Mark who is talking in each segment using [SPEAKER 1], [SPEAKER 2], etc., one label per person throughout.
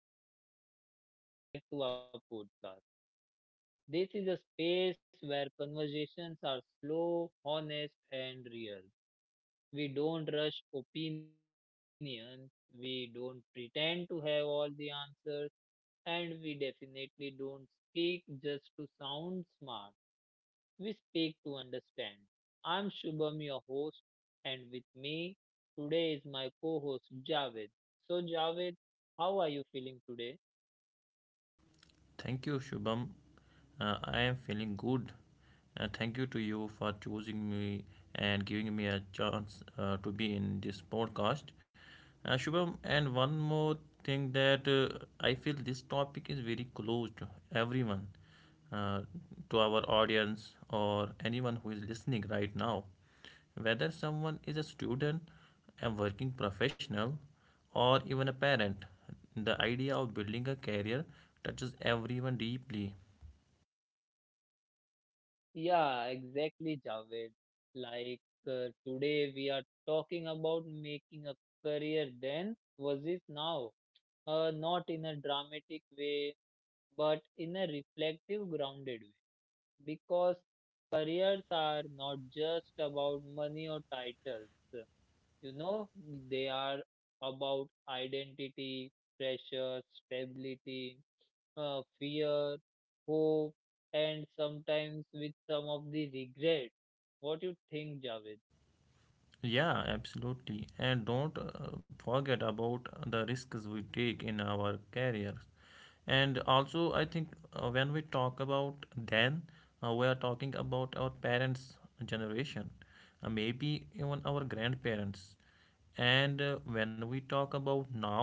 [SPEAKER 1] everyone. Welcome back to our podcast. This is a space where conversations are slow, honest, and real. We don't rush opinions, we don't pretend to have all the answers, and we definitely don't speak just to sound smart. We speak to understand. I'm Shubham, your host, and with me today is my co host Javed. So, Javed, how are you feeling today?
[SPEAKER 2] Thank you, Shubham. I am feeling good. Thank you to you for choosing me and giving me a chance to be in this podcast. Shubham, and one more thing that I feel this topic is very close to everyone, uh, to our audience, or anyone who is listening right now. Whether someone is a student, a working professional, or even a parent, the idea of building a career touches everyone deeply.
[SPEAKER 1] Yeah, exactly, Javed. Like today we are talking about making a career then versus now. Not in a dramatic way, but in a reflective, grounded way. Because careers are not just about money or titles. You know, they are about identity, pressure, stability, fear, hope, and sometimes with some of the regret. What you think, Javed?
[SPEAKER 2] Yeah, absolutely. And don't forget about the risks we take in our careers. And also I think when we talk about then, we are talking about our parents generation, maybe even our grandparents. And when we talk about now,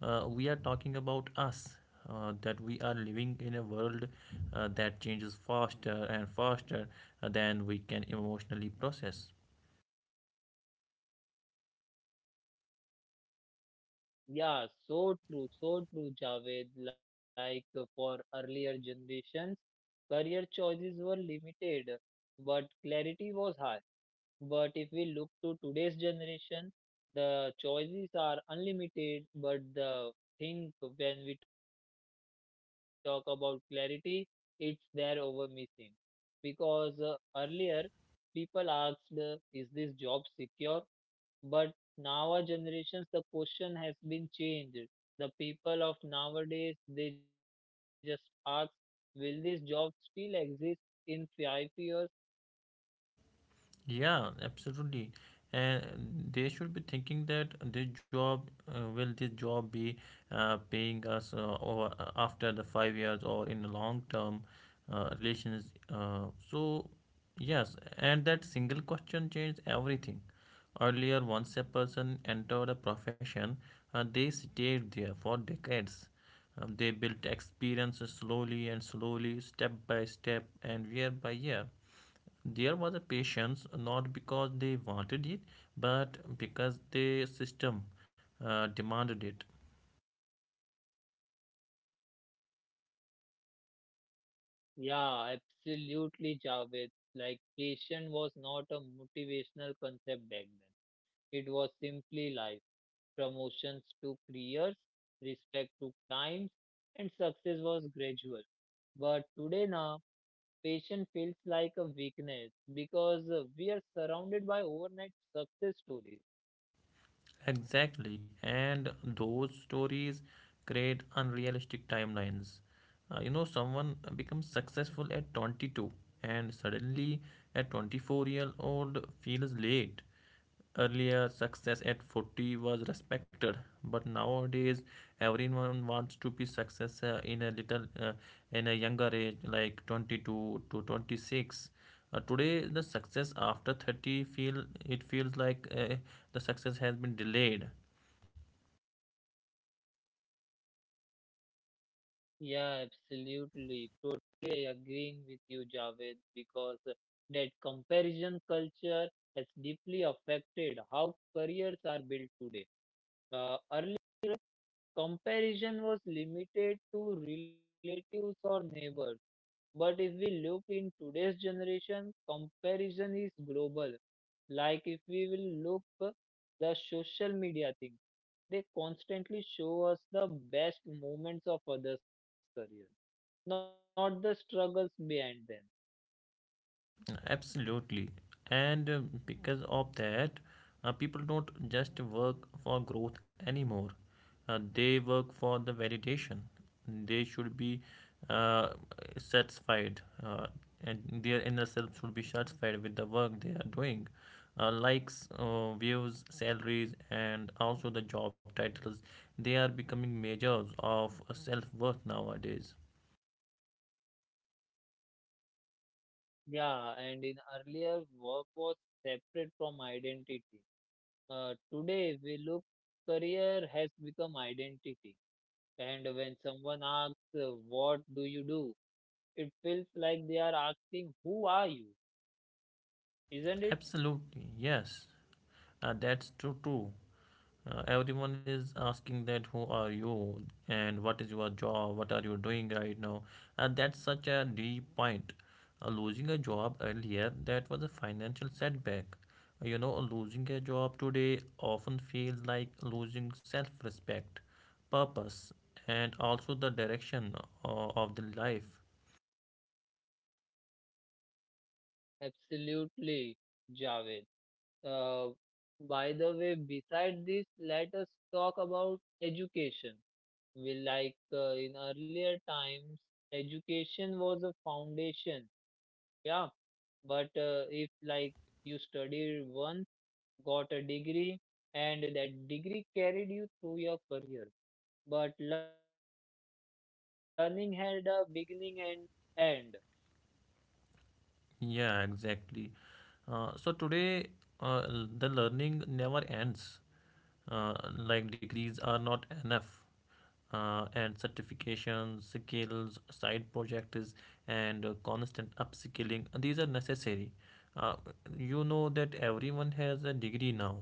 [SPEAKER 2] we are talking about us, that we are living in a world that changes faster and faster than we can emotionally process.
[SPEAKER 1] Yeah, so true, Javed. Like for earlier generations, career choices were limited, but clarity was high. But if we look to today's generation, the choices are unlimited. But the thing when we talk about clarity, it's there over missing. Because earlier people asked, is this job secure? But now our generations, the question has been changed. The people of nowadays, they just ask, will this job still exist in 5 years?
[SPEAKER 2] Yeah, absolutely. And they should be thinking that this job, will this job be paying us or after the 5 years or in the long term relations? So, yes, and that single question changed everything. Earlier, once a person entered a profession, they stayed there for decades. They built experience slowly and slowly, step by step, and year by year there was a patients, not because they wanted it but because the system demanded it.
[SPEAKER 1] Yeah, absolutely, Javed. Like, patient was not a motivational concept back then. It was simply life. Promotions took years, respect took times, and success was gradual. But today now, patient feels like a weakness because we are surrounded by overnight success stories.
[SPEAKER 2] Exactly, and those stories create unrealistic timelines. You know, someone becomes successful at 22 and suddenly at 24-year-old feels late. Earlier, success at 40 was respected, but nowadays everyone wants to be success in a younger age like 22 to 26. Today the success after 30 feels like the success has been delayed.
[SPEAKER 1] Yeah, absolutely. Totally agreeing with you, Javed, because that comparison culture has deeply affected how careers are built today. Uh, Comparison was limited to relatives or neighbors. But if we look in today's generation, comparison is global. Like if we will look the social media thing, they constantly show us the best moments of others' career, not the struggles behind them.
[SPEAKER 2] Absolutely. And because of that, people don't just work for growth anymore. They work for the validation. They should be uh, satisfied, and their inner self should be satisfied with the work they are doing. Likes, views, salaries, and also the job titles, they are becoming measures of self worth nowadays.
[SPEAKER 1] Yeah, and in earlier work was separate from identity. Today, we look, career has become identity. And when someone asks, what do you do? It feels like they are asking, who are you? Isn't it?
[SPEAKER 2] Absolutely, yes, that's true too. Everyone is asking that who are you and what is your job, what are you doing right now, and that's such a deep point. Losing a job earlier that was a financial setback. You know, losing a job today often feels like losing self-respect, purpose, and also the direction of the life.
[SPEAKER 1] Absolutely, Javed. Uh, by the way, beside this, let us talk about education. We like in earlier times, education was a foundation. Yeah. But if like you studied once, got a degree, and that degree carried you through your career. But learning had a beginning and end.
[SPEAKER 2] Yeah, exactly. So today, the learning never ends. Like degrees are not enough, and certifications, skills, side projects, and constant upskilling. These are necessary. Uh, you know that everyone has a degree now,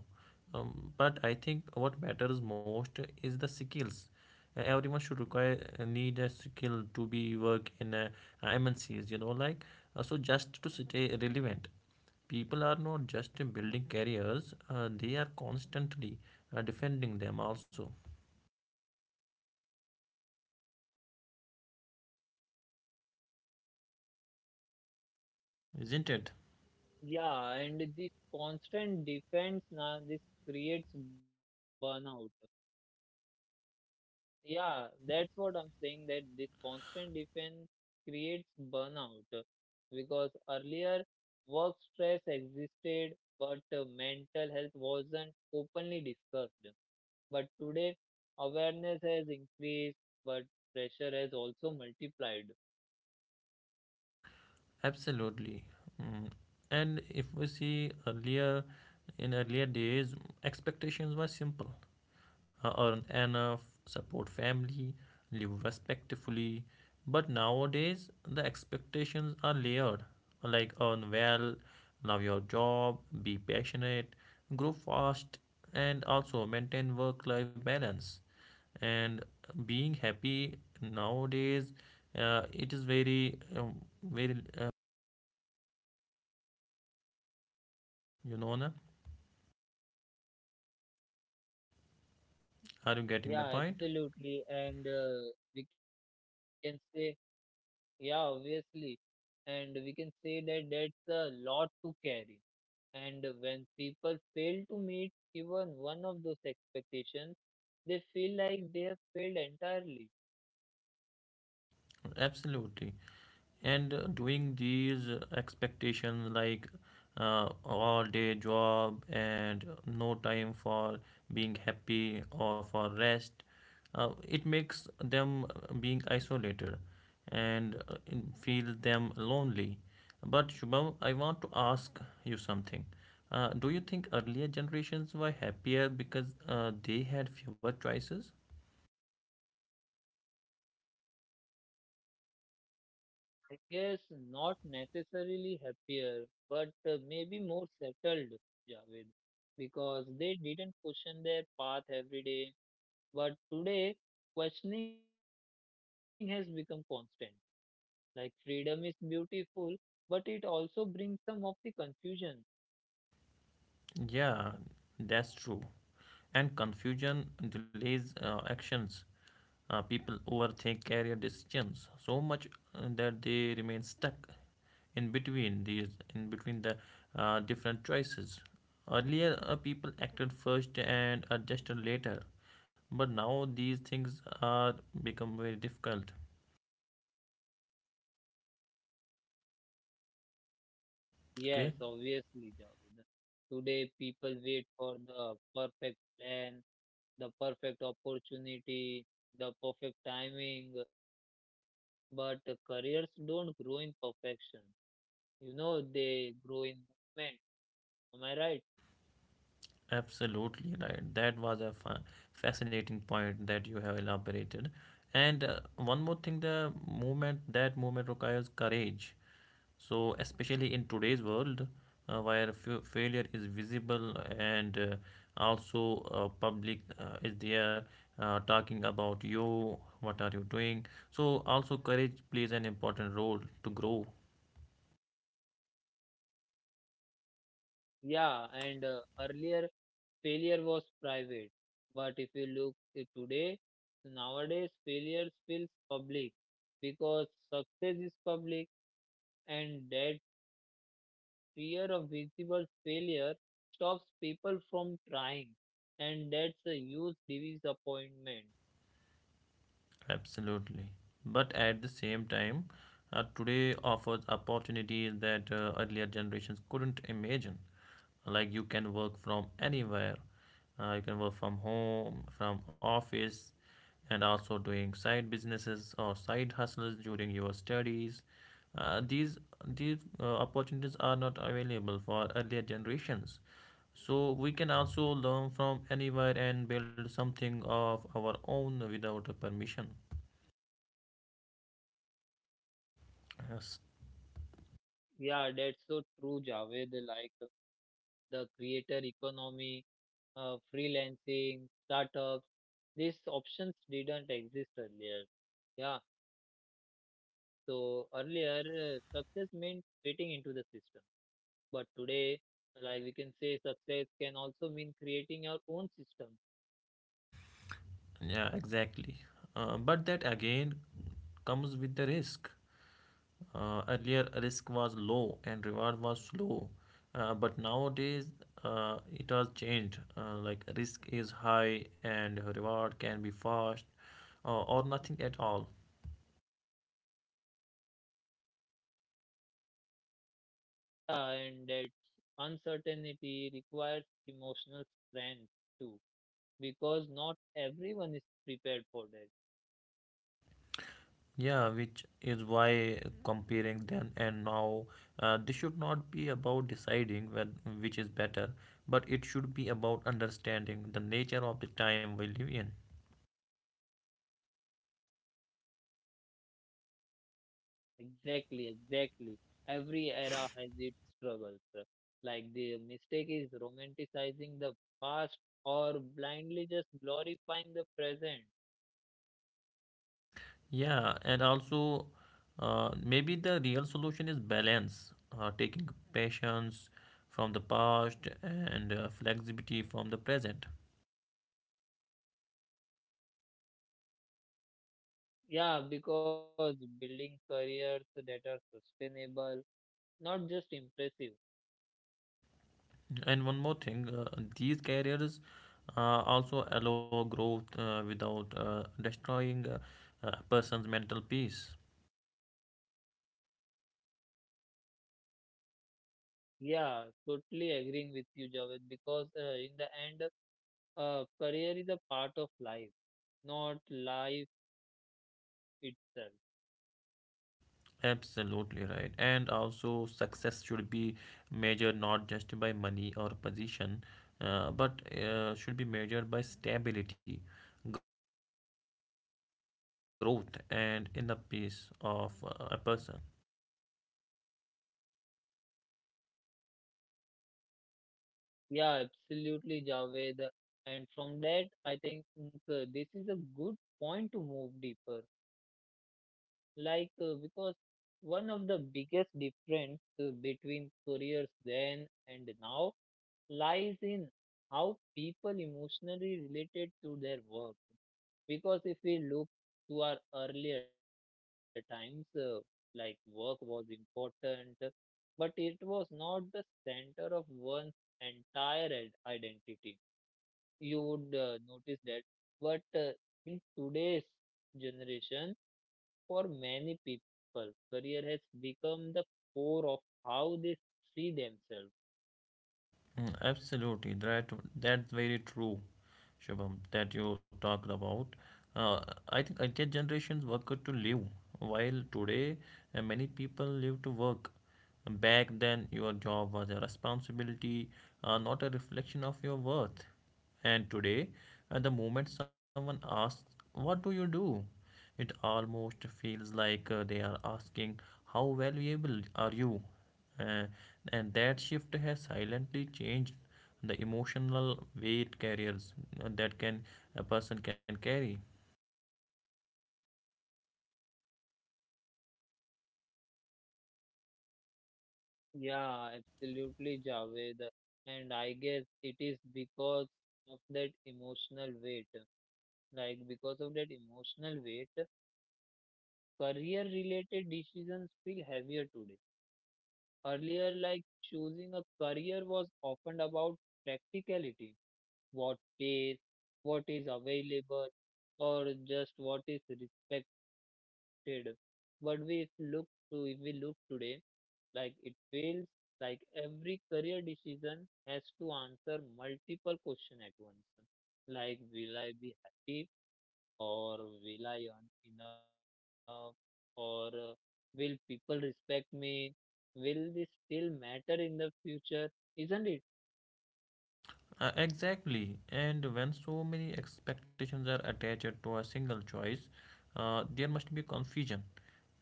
[SPEAKER 2] but I think what matters most is the skills. Everyone should require need a skill to be work in MNCs. You know, like so just to stay relevant. People are not just building careers; they are constantly defending them also, isn't it?
[SPEAKER 1] Yeah, and this constant defense now this creates burnout. Yeah, that's what I'm saying that this constant defense creates burnout because earlier work stress existed, but mental health wasn't openly discussed. But today, awareness has increased, but pressure has also multiplied.
[SPEAKER 2] Absolutely. Mm. And if we see earlier, in earlier days, expectations were simple, earn enough, support family, live respectfully. But nowadays, the expectations are layered, like earn well, love your job, be passionate, grow fast, and also maintain work life balance. And being happy nowadays, it is very, you know, na? Are you getting my point?
[SPEAKER 1] Yeah, absolutely. And we can say, yeah, obviously. And we can say that that's a lot to carry. And when people fail to meet even one of those expectations, they feel like they have failed entirely.
[SPEAKER 2] Absolutely. And doing these expectations, like all day job and no time for being happy or for rest, it makes them being isolated and feel them lonely. But Shubham, I want to ask you something. Do you think earlier generations were happier because they had fewer choices?
[SPEAKER 1] I guess not necessarily happier, but maybe more settled, Javed, because they didn't question their path every day. But today, questioning has become constant. Like freedom is beautiful, but it also brings some of the confusion.
[SPEAKER 2] Yeah, that's true. And confusion delays actions. People overthink career decisions so much that they remain stuck in between these, in between the different choices. Earlier, people acted first and adjusted later, but now these things are become very difficult.
[SPEAKER 1] Yes, obviously,
[SPEAKER 2] Okay,
[SPEAKER 1] Javed. Today, people wait for the perfect plan the perfect opportunity, the perfect timing, but careers don't grow in perfection. You know, they grow in movement. Am I right?
[SPEAKER 2] absolutely right. That was a fascinating point that you have elaborated. And one more thing, the movement that movement requires courage. So, especially in today's world, where failure is visible and also public is there talking about you, what are you doing. So, also courage plays an important role to grow.
[SPEAKER 1] Yeah, and earlier failure was private, but if you look at today, nowadays failure feels public because success is public and that fear of visible failure stops people from trying and that's a huge disappointment.
[SPEAKER 2] Absolutely. But at the same time, today offers opportunities that earlier generations couldn't imagine. Like you can work from anywhere, you can work from home from office, and also doing side businesses or side hustles during your studies. Uh, these these uh, opportunities are not available for earlier generations. So we can also learn from anywhere and build something of our own without permission. Yes.
[SPEAKER 1] Yeah, that's so true, Javed. Like the creator economy, freelancing startups, these options didn't exist earlier. Yeah, so earlier success meant fitting into the system, but today, like we can say success can also mean creating your own system.
[SPEAKER 2] Yeah, exactly. But that again comes with the risk. Earlier, risk was low and reward was slow, but nowadays it has changed. Like risk is high and reward can be fast, or nothing at all.
[SPEAKER 1] And that uncertainty requires emotional strength too, because not everyone is prepared for that.
[SPEAKER 2] Yeah, which is why comparing then and now, this should not be about deciding when, which is better, but it should be about understanding the nature of the time we live in.
[SPEAKER 1] Exactly, exactly. Every era has its struggles. Like the mistake is romanticizing the past or blindly just glorifying the present.
[SPEAKER 2] Yeah, and also maybe the real solution is balance, taking patience from the past and flexibility from the present.
[SPEAKER 1] Yeah, because building careers that are sustainable, not just impressive.
[SPEAKER 2] And one more thing, these careers also allow growth without destroying a person's mental peace.
[SPEAKER 1] Yeah, totally agreeing with you, Javed, because in the end, career is a part of life, not life itself.
[SPEAKER 2] Absolutely right. And also, success should be measured not just by money or position, but should be measured by stability, growth, and inner peace of a person.
[SPEAKER 1] Yeah, absolutely, Javed. And from that, I think this is a good point to move deeper. Like, because one of the biggest difference between careers then and now lies in how people emotionally related to their work. Because if we look to our earlier times, like work was important, but it was not the center of one's entire identity. You would notice that. But in today's generation, for many people, career has become the core of how they see themselves.
[SPEAKER 2] Mm, absolutely, that's very true, Shubham, that you talked about. Uh, I think earlier generations worked to live, while today many people live to work. Back then, your job was a responsibility, not a reflection of your worth. And today, at the moment someone asks, "What do you do?" It almost feels like they are asking, "How valuable are you?" Uh, and that shift has silently changed the emotional weight carriers that can a person can carry.
[SPEAKER 1] Yeah, absolutely, Javed. And I guess it is because of that emotional weight. Like because of that emotional weight, career related decisions feel heavier today. Earlier, like choosing a career was often about practicality, what pays, what is available, or just what is respected. But we if look to if we look today, like it feels like every career decision has to answer multiple questions at once. Like will I be happy? Or will I earn enough or will people respect me? Will this still matter in the future? Isn't it?
[SPEAKER 2] Exactly. And when so many expectations are attached to a single choice, there must be confusion,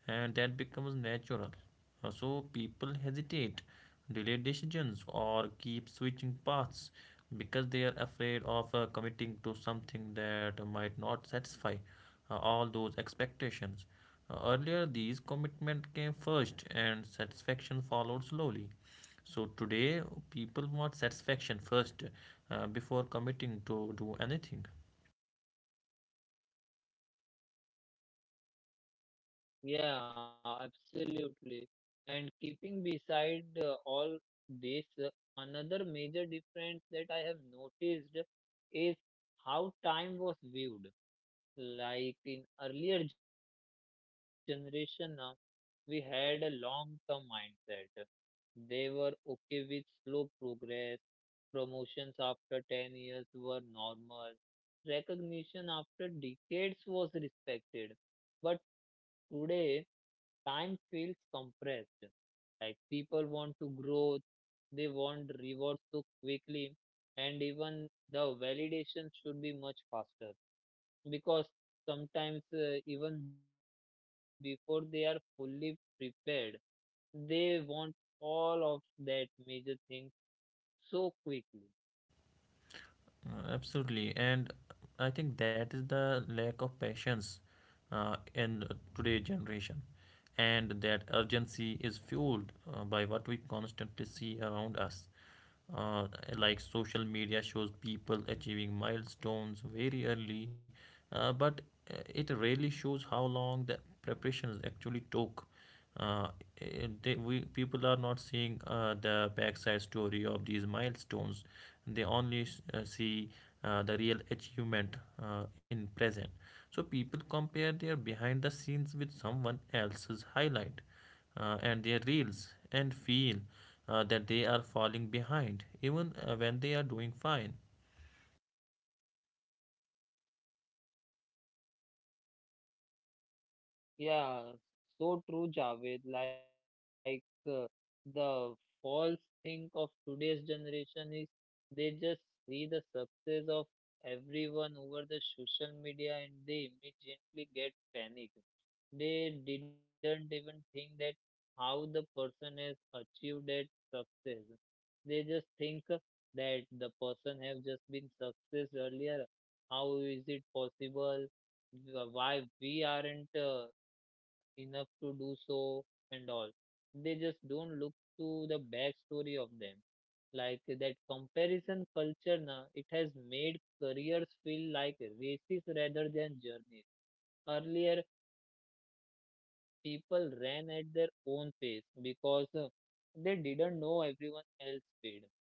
[SPEAKER 2] and that becomes natural. So people hesitate, delay decisions, or keep switching paths because they are afraid of committing to something that might not satisfy all those expectations. Earlier, these commitment came first, and satisfaction followed slowly. So today, people want satisfaction first before committing to do anything.
[SPEAKER 1] Yeah, absolutely. And keeping beside all this, another major difference that I have noticed is how time was viewed. Like in earlier generation now, we had a long-term mindset. They were okay with slow progress. Promotions after 10 years were normal. Recognition after decades was respected. But today, time feels compressed. Like people want to grow, they want rewards so quickly, and even the validation should be much faster because sometimes even before they are fully prepared, they want all of that major thing so quickly.
[SPEAKER 2] Absolutely, and I think that is the lack of patience in today's generation, and that urgency is fueled by what we constantly see around us. Uh, like social media shows people achieving milestones very early, but it rarely shows how long the preparations actually took. uh, we people are not seeing the backside story of these milestones. They only see the real achievement in present. So people compare their behind the scenes with someone else's highlight and their reels and feel that they are falling behind even when they are doing fine.
[SPEAKER 1] Yeah, so true, Javed. Like the false think of today's generation is they just see the success of everyone over the social media and they immediately get panicked. They didn't even think that how the person has achieved that success. They just think that the person have just been success earlier. How is it possible? Why we aren't enough to do so and all. They just don't look to the backstory of them. Like that comparison culture, na, it has made careers feel like races rather than journeys. Earlier, people ran at their own pace because they didn't know everyone else's speed.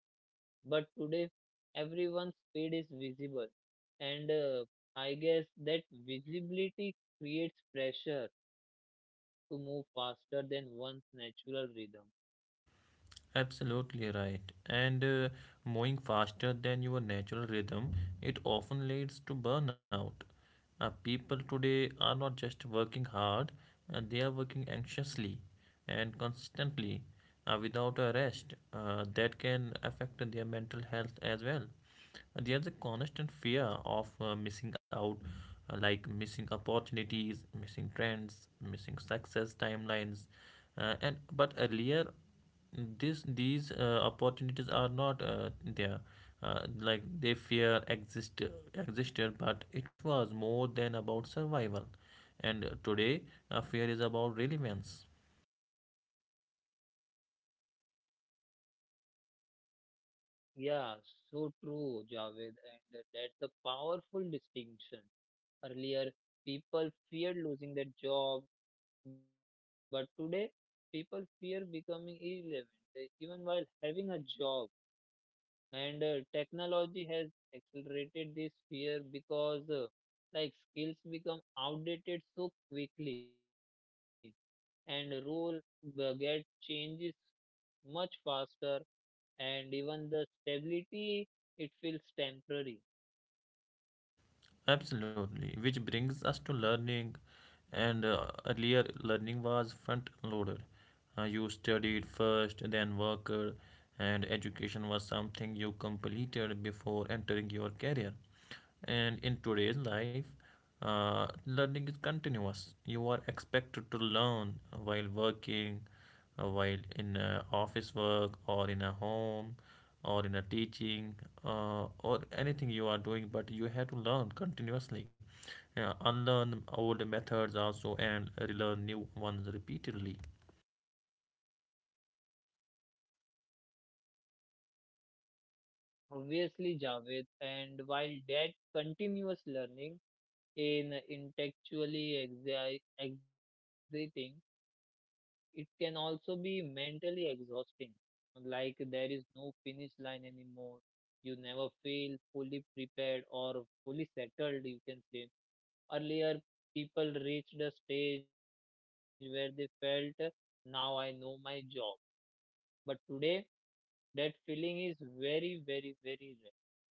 [SPEAKER 1] But today, everyone's speed is visible, and I guess that visibility creates pressure to move faster than one's natural rhythm.
[SPEAKER 2] Absolutely right. And moving faster than your natural rhythm, it often leads to burnout. People today are not just working hard, they are working anxiously and consistently without a rest. That can affect their mental health as well. There's a constant fear of missing out, like missing opportunities, missing trends, missing success timelines. And but earlier this these opportunities are not there, like they fear existed but it was more than about survival, and today fear is about relevance.
[SPEAKER 1] Yeah, so true, Javed, and that's a powerful distinction. Earlier, people feared losing their job, but today, people fear becoming irrelevant, even while having a job. And technology has accelerated this fear because like skills become outdated so quickly and role get changes much faster and even the stability it feels temporary.
[SPEAKER 2] Absolutely, which brings us to learning. And earlier learning was front loaded, you studied first then worked, and education was something you completed before entering your career. And in today's life, learning is continuous. You are expected to learn while working, while in office work, or in a home, or in a teaching, or anything you are doing. But you have to learn continuously, unlearn old methods also, and relearn new ones repeatedly.
[SPEAKER 1] Obviously, Javed, and while that continuous learning in intellectually exciting, it can also be mentally exhausting. Like there is no finish line anymore. You never feel fully prepared or fully settled, you can say. Earlier, people reached a stage where they felt, now I know my job. But today, that feeling is very, very, very rare.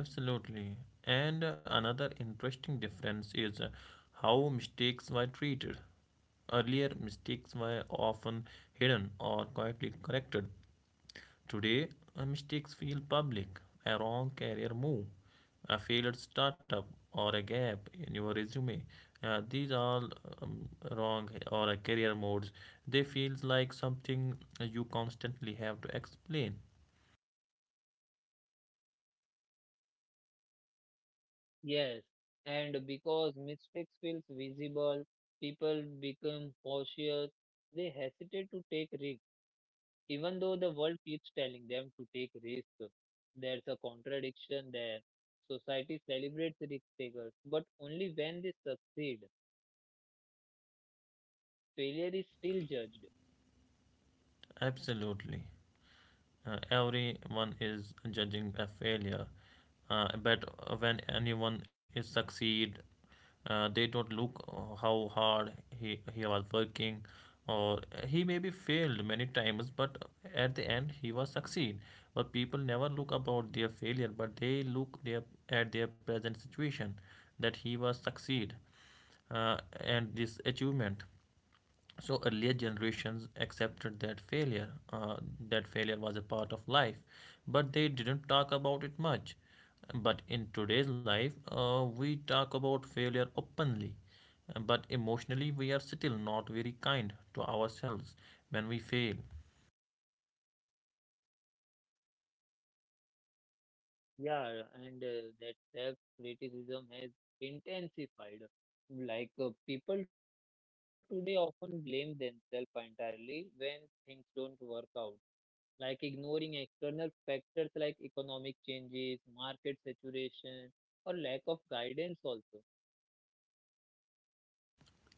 [SPEAKER 2] Absolutely. And another interesting difference is how mistakes were treated. Earlier, mistakes were often hidden or quietly corrected. Today, mistakes feel public. A wrong career move, a failed startup, or a gap in your resume. These are um, wrong or a career modes. They feel like something you constantly have to explain.
[SPEAKER 1] Yes. And because mistakes feels visible, people become cautious. They hesitate to take risks even though the world keeps telling them to take risks, there's a contradiction there. Society celebrates risk takers, but only when they succeed. Failure is still judged.
[SPEAKER 2] Absolutely. Everyone is judging a failure, but when anyone is succeed, they don't look how hard he was working, or he maybe failed many times but at the end he was succeed. But people never look about their failure, but they look their, at their present situation, that he was succeed and this achievement. So earlier generations accepted that failure, that failure was a part of life, but they didn't talk about it much. But in today's life, we talk about failure openly, but emotionally we are still not very kind to ourselves when we fail.
[SPEAKER 1] Yeah, and that self criticism has intensified. Like people today often blame themselves entirely when things don't work out like ignoring external factors like economic changes, market saturation, or lack of guidance also.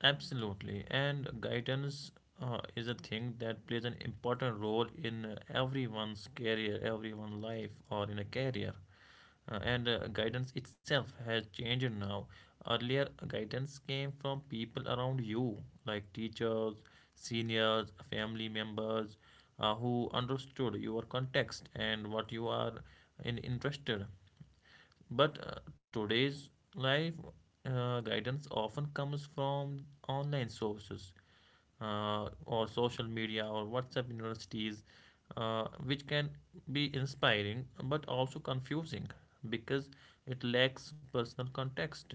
[SPEAKER 2] Absolutely, and guidance is a thing that plays an important role in everyone's career, everyone's life or in a career. And guidance itself has changed now. Earlier, guidance came from people around you, like teachers, seniors, family members, who understood your context and what you are in interested. But today's life, guidance often comes from online sources, or social media or WhatsApp universities, which can be inspiring but also confusing because it lacks personal context.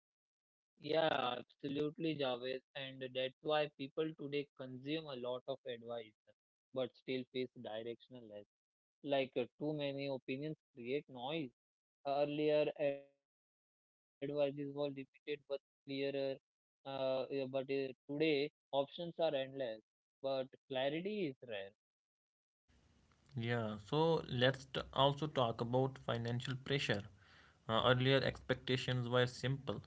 [SPEAKER 1] Yeah, absolutely, Javed. And that's why people today consume a lot of advice, but still face directionless. Like too many opinions create noise. Earlier, advices were limited but clearer. Yeah, but today, options are endless, but clarity is rare.
[SPEAKER 2] Yeah, so let's also talk about financial pressure. Earlier expectations were simple.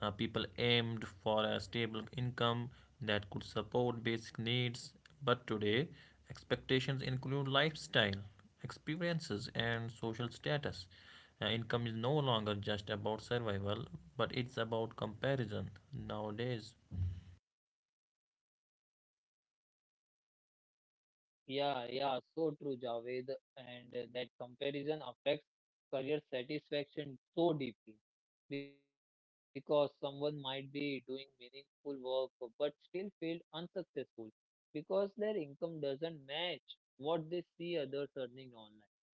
[SPEAKER 2] People aimed for a stable income that could support basic needs, but today expectations include lifestyle, experiences, and social status. Income is no longer just about survival, but it's about comparison nowadays.
[SPEAKER 1] Yeah, yeah, so true, Javed. And that comparison affects career satisfaction so deeply because someone might be doing meaningful work but still feel unsuccessful because their income doesn't match what they see others earning online.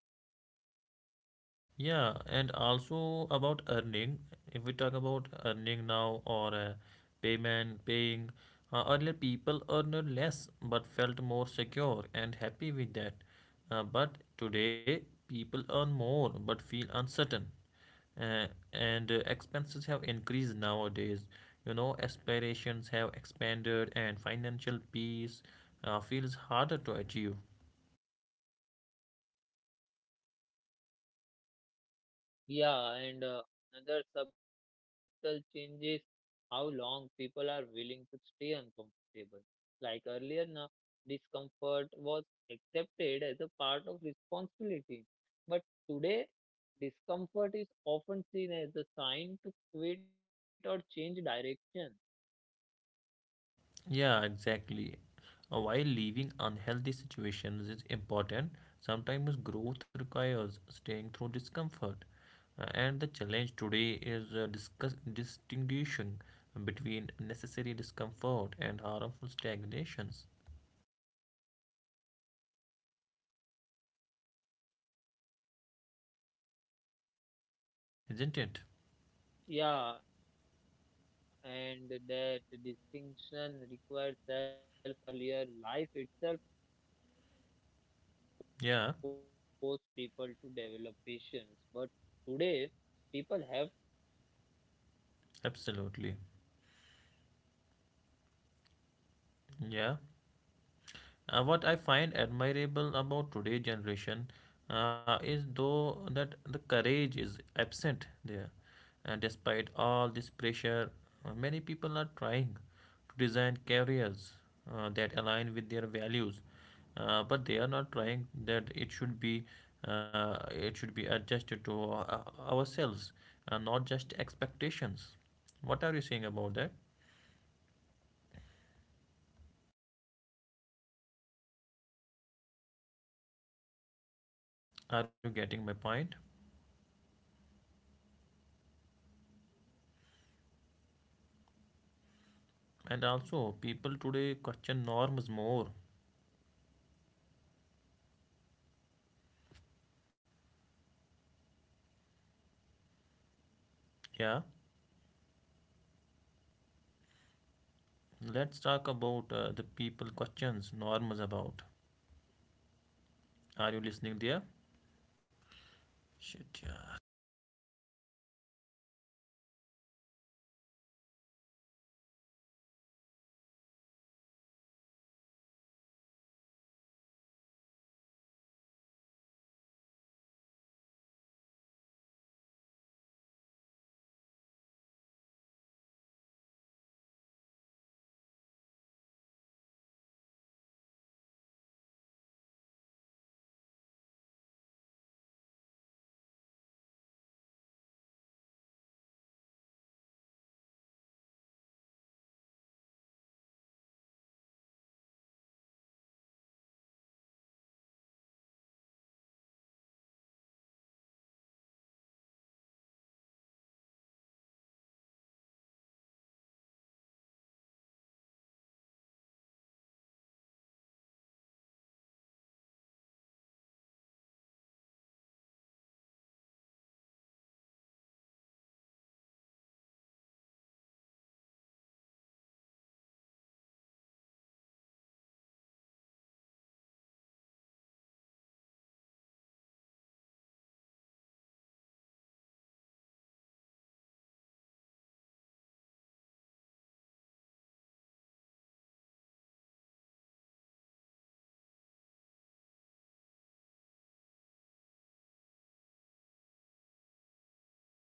[SPEAKER 2] Yeah, and also about earning. If we talk about earning now or payment, paying, earlier people earned less but felt more secure and happy with that. But today, people earn more but feel uncertain. Uh, and expenses have increased nowadays. You know, aspirations have expanded, and financial peace feels harder to achieve.
[SPEAKER 1] Yeah, and another subtle change is how long people are willing to stay uncomfortable. Like earlier, now, discomfort was accepted as a part of responsibility. But today, discomfort is often seen as a sign to quit or change direction.
[SPEAKER 2] Yeah, exactly. While leaving unhealthy situations is important, sometimes growth requires staying through discomfort. And the challenge today is discuss distinguishing between necessary discomfort and harmful stagnations, isn't it?
[SPEAKER 1] Yeah, and that distinction requires awareness, which isn't taught anywhere. Earlier, life itself forced people to
[SPEAKER 2] Yeah,
[SPEAKER 1] develop patience, but today, people have to consciously practice it.
[SPEAKER 2] absolutely. Yeah. What I find admirable about today's generation is though that the courage is absent there. And despite all this pressure, many people are trying to design careers that align with their values, but they are not trying that it should be adjusted to ourselves, not just expectations. What are you saying about that?
[SPEAKER 1] Yeah, that's so true, Javed. Like, people today
[SPEAKER 2] Are you
[SPEAKER 1] question
[SPEAKER 2] getting my
[SPEAKER 1] norms
[SPEAKER 2] point?
[SPEAKER 1] more, but they ask why they should follow a certain path. Because earlier,
[SPEAKER 2] And
[SPEAKER 1] questioning was
[SPEAKER 2] also,
[SPEAKER 1] limited,
[SPEAKER 2] people today
[SPEAKER 1] but
[SPEAKER 2] question
[SPEAKER 1] today
[SPEAKER 2] norms more.
[SPEAKER 1] questioning is encouraged, like though it comes with uncertainties,
[SPEAKER 2] Yeah, let's talk about the people questions norms about. Are you listening there? Shit, yeah.
[SPEAKER 1] means redefining success. Success today cannot just be about speed or income. It has to include sustainability.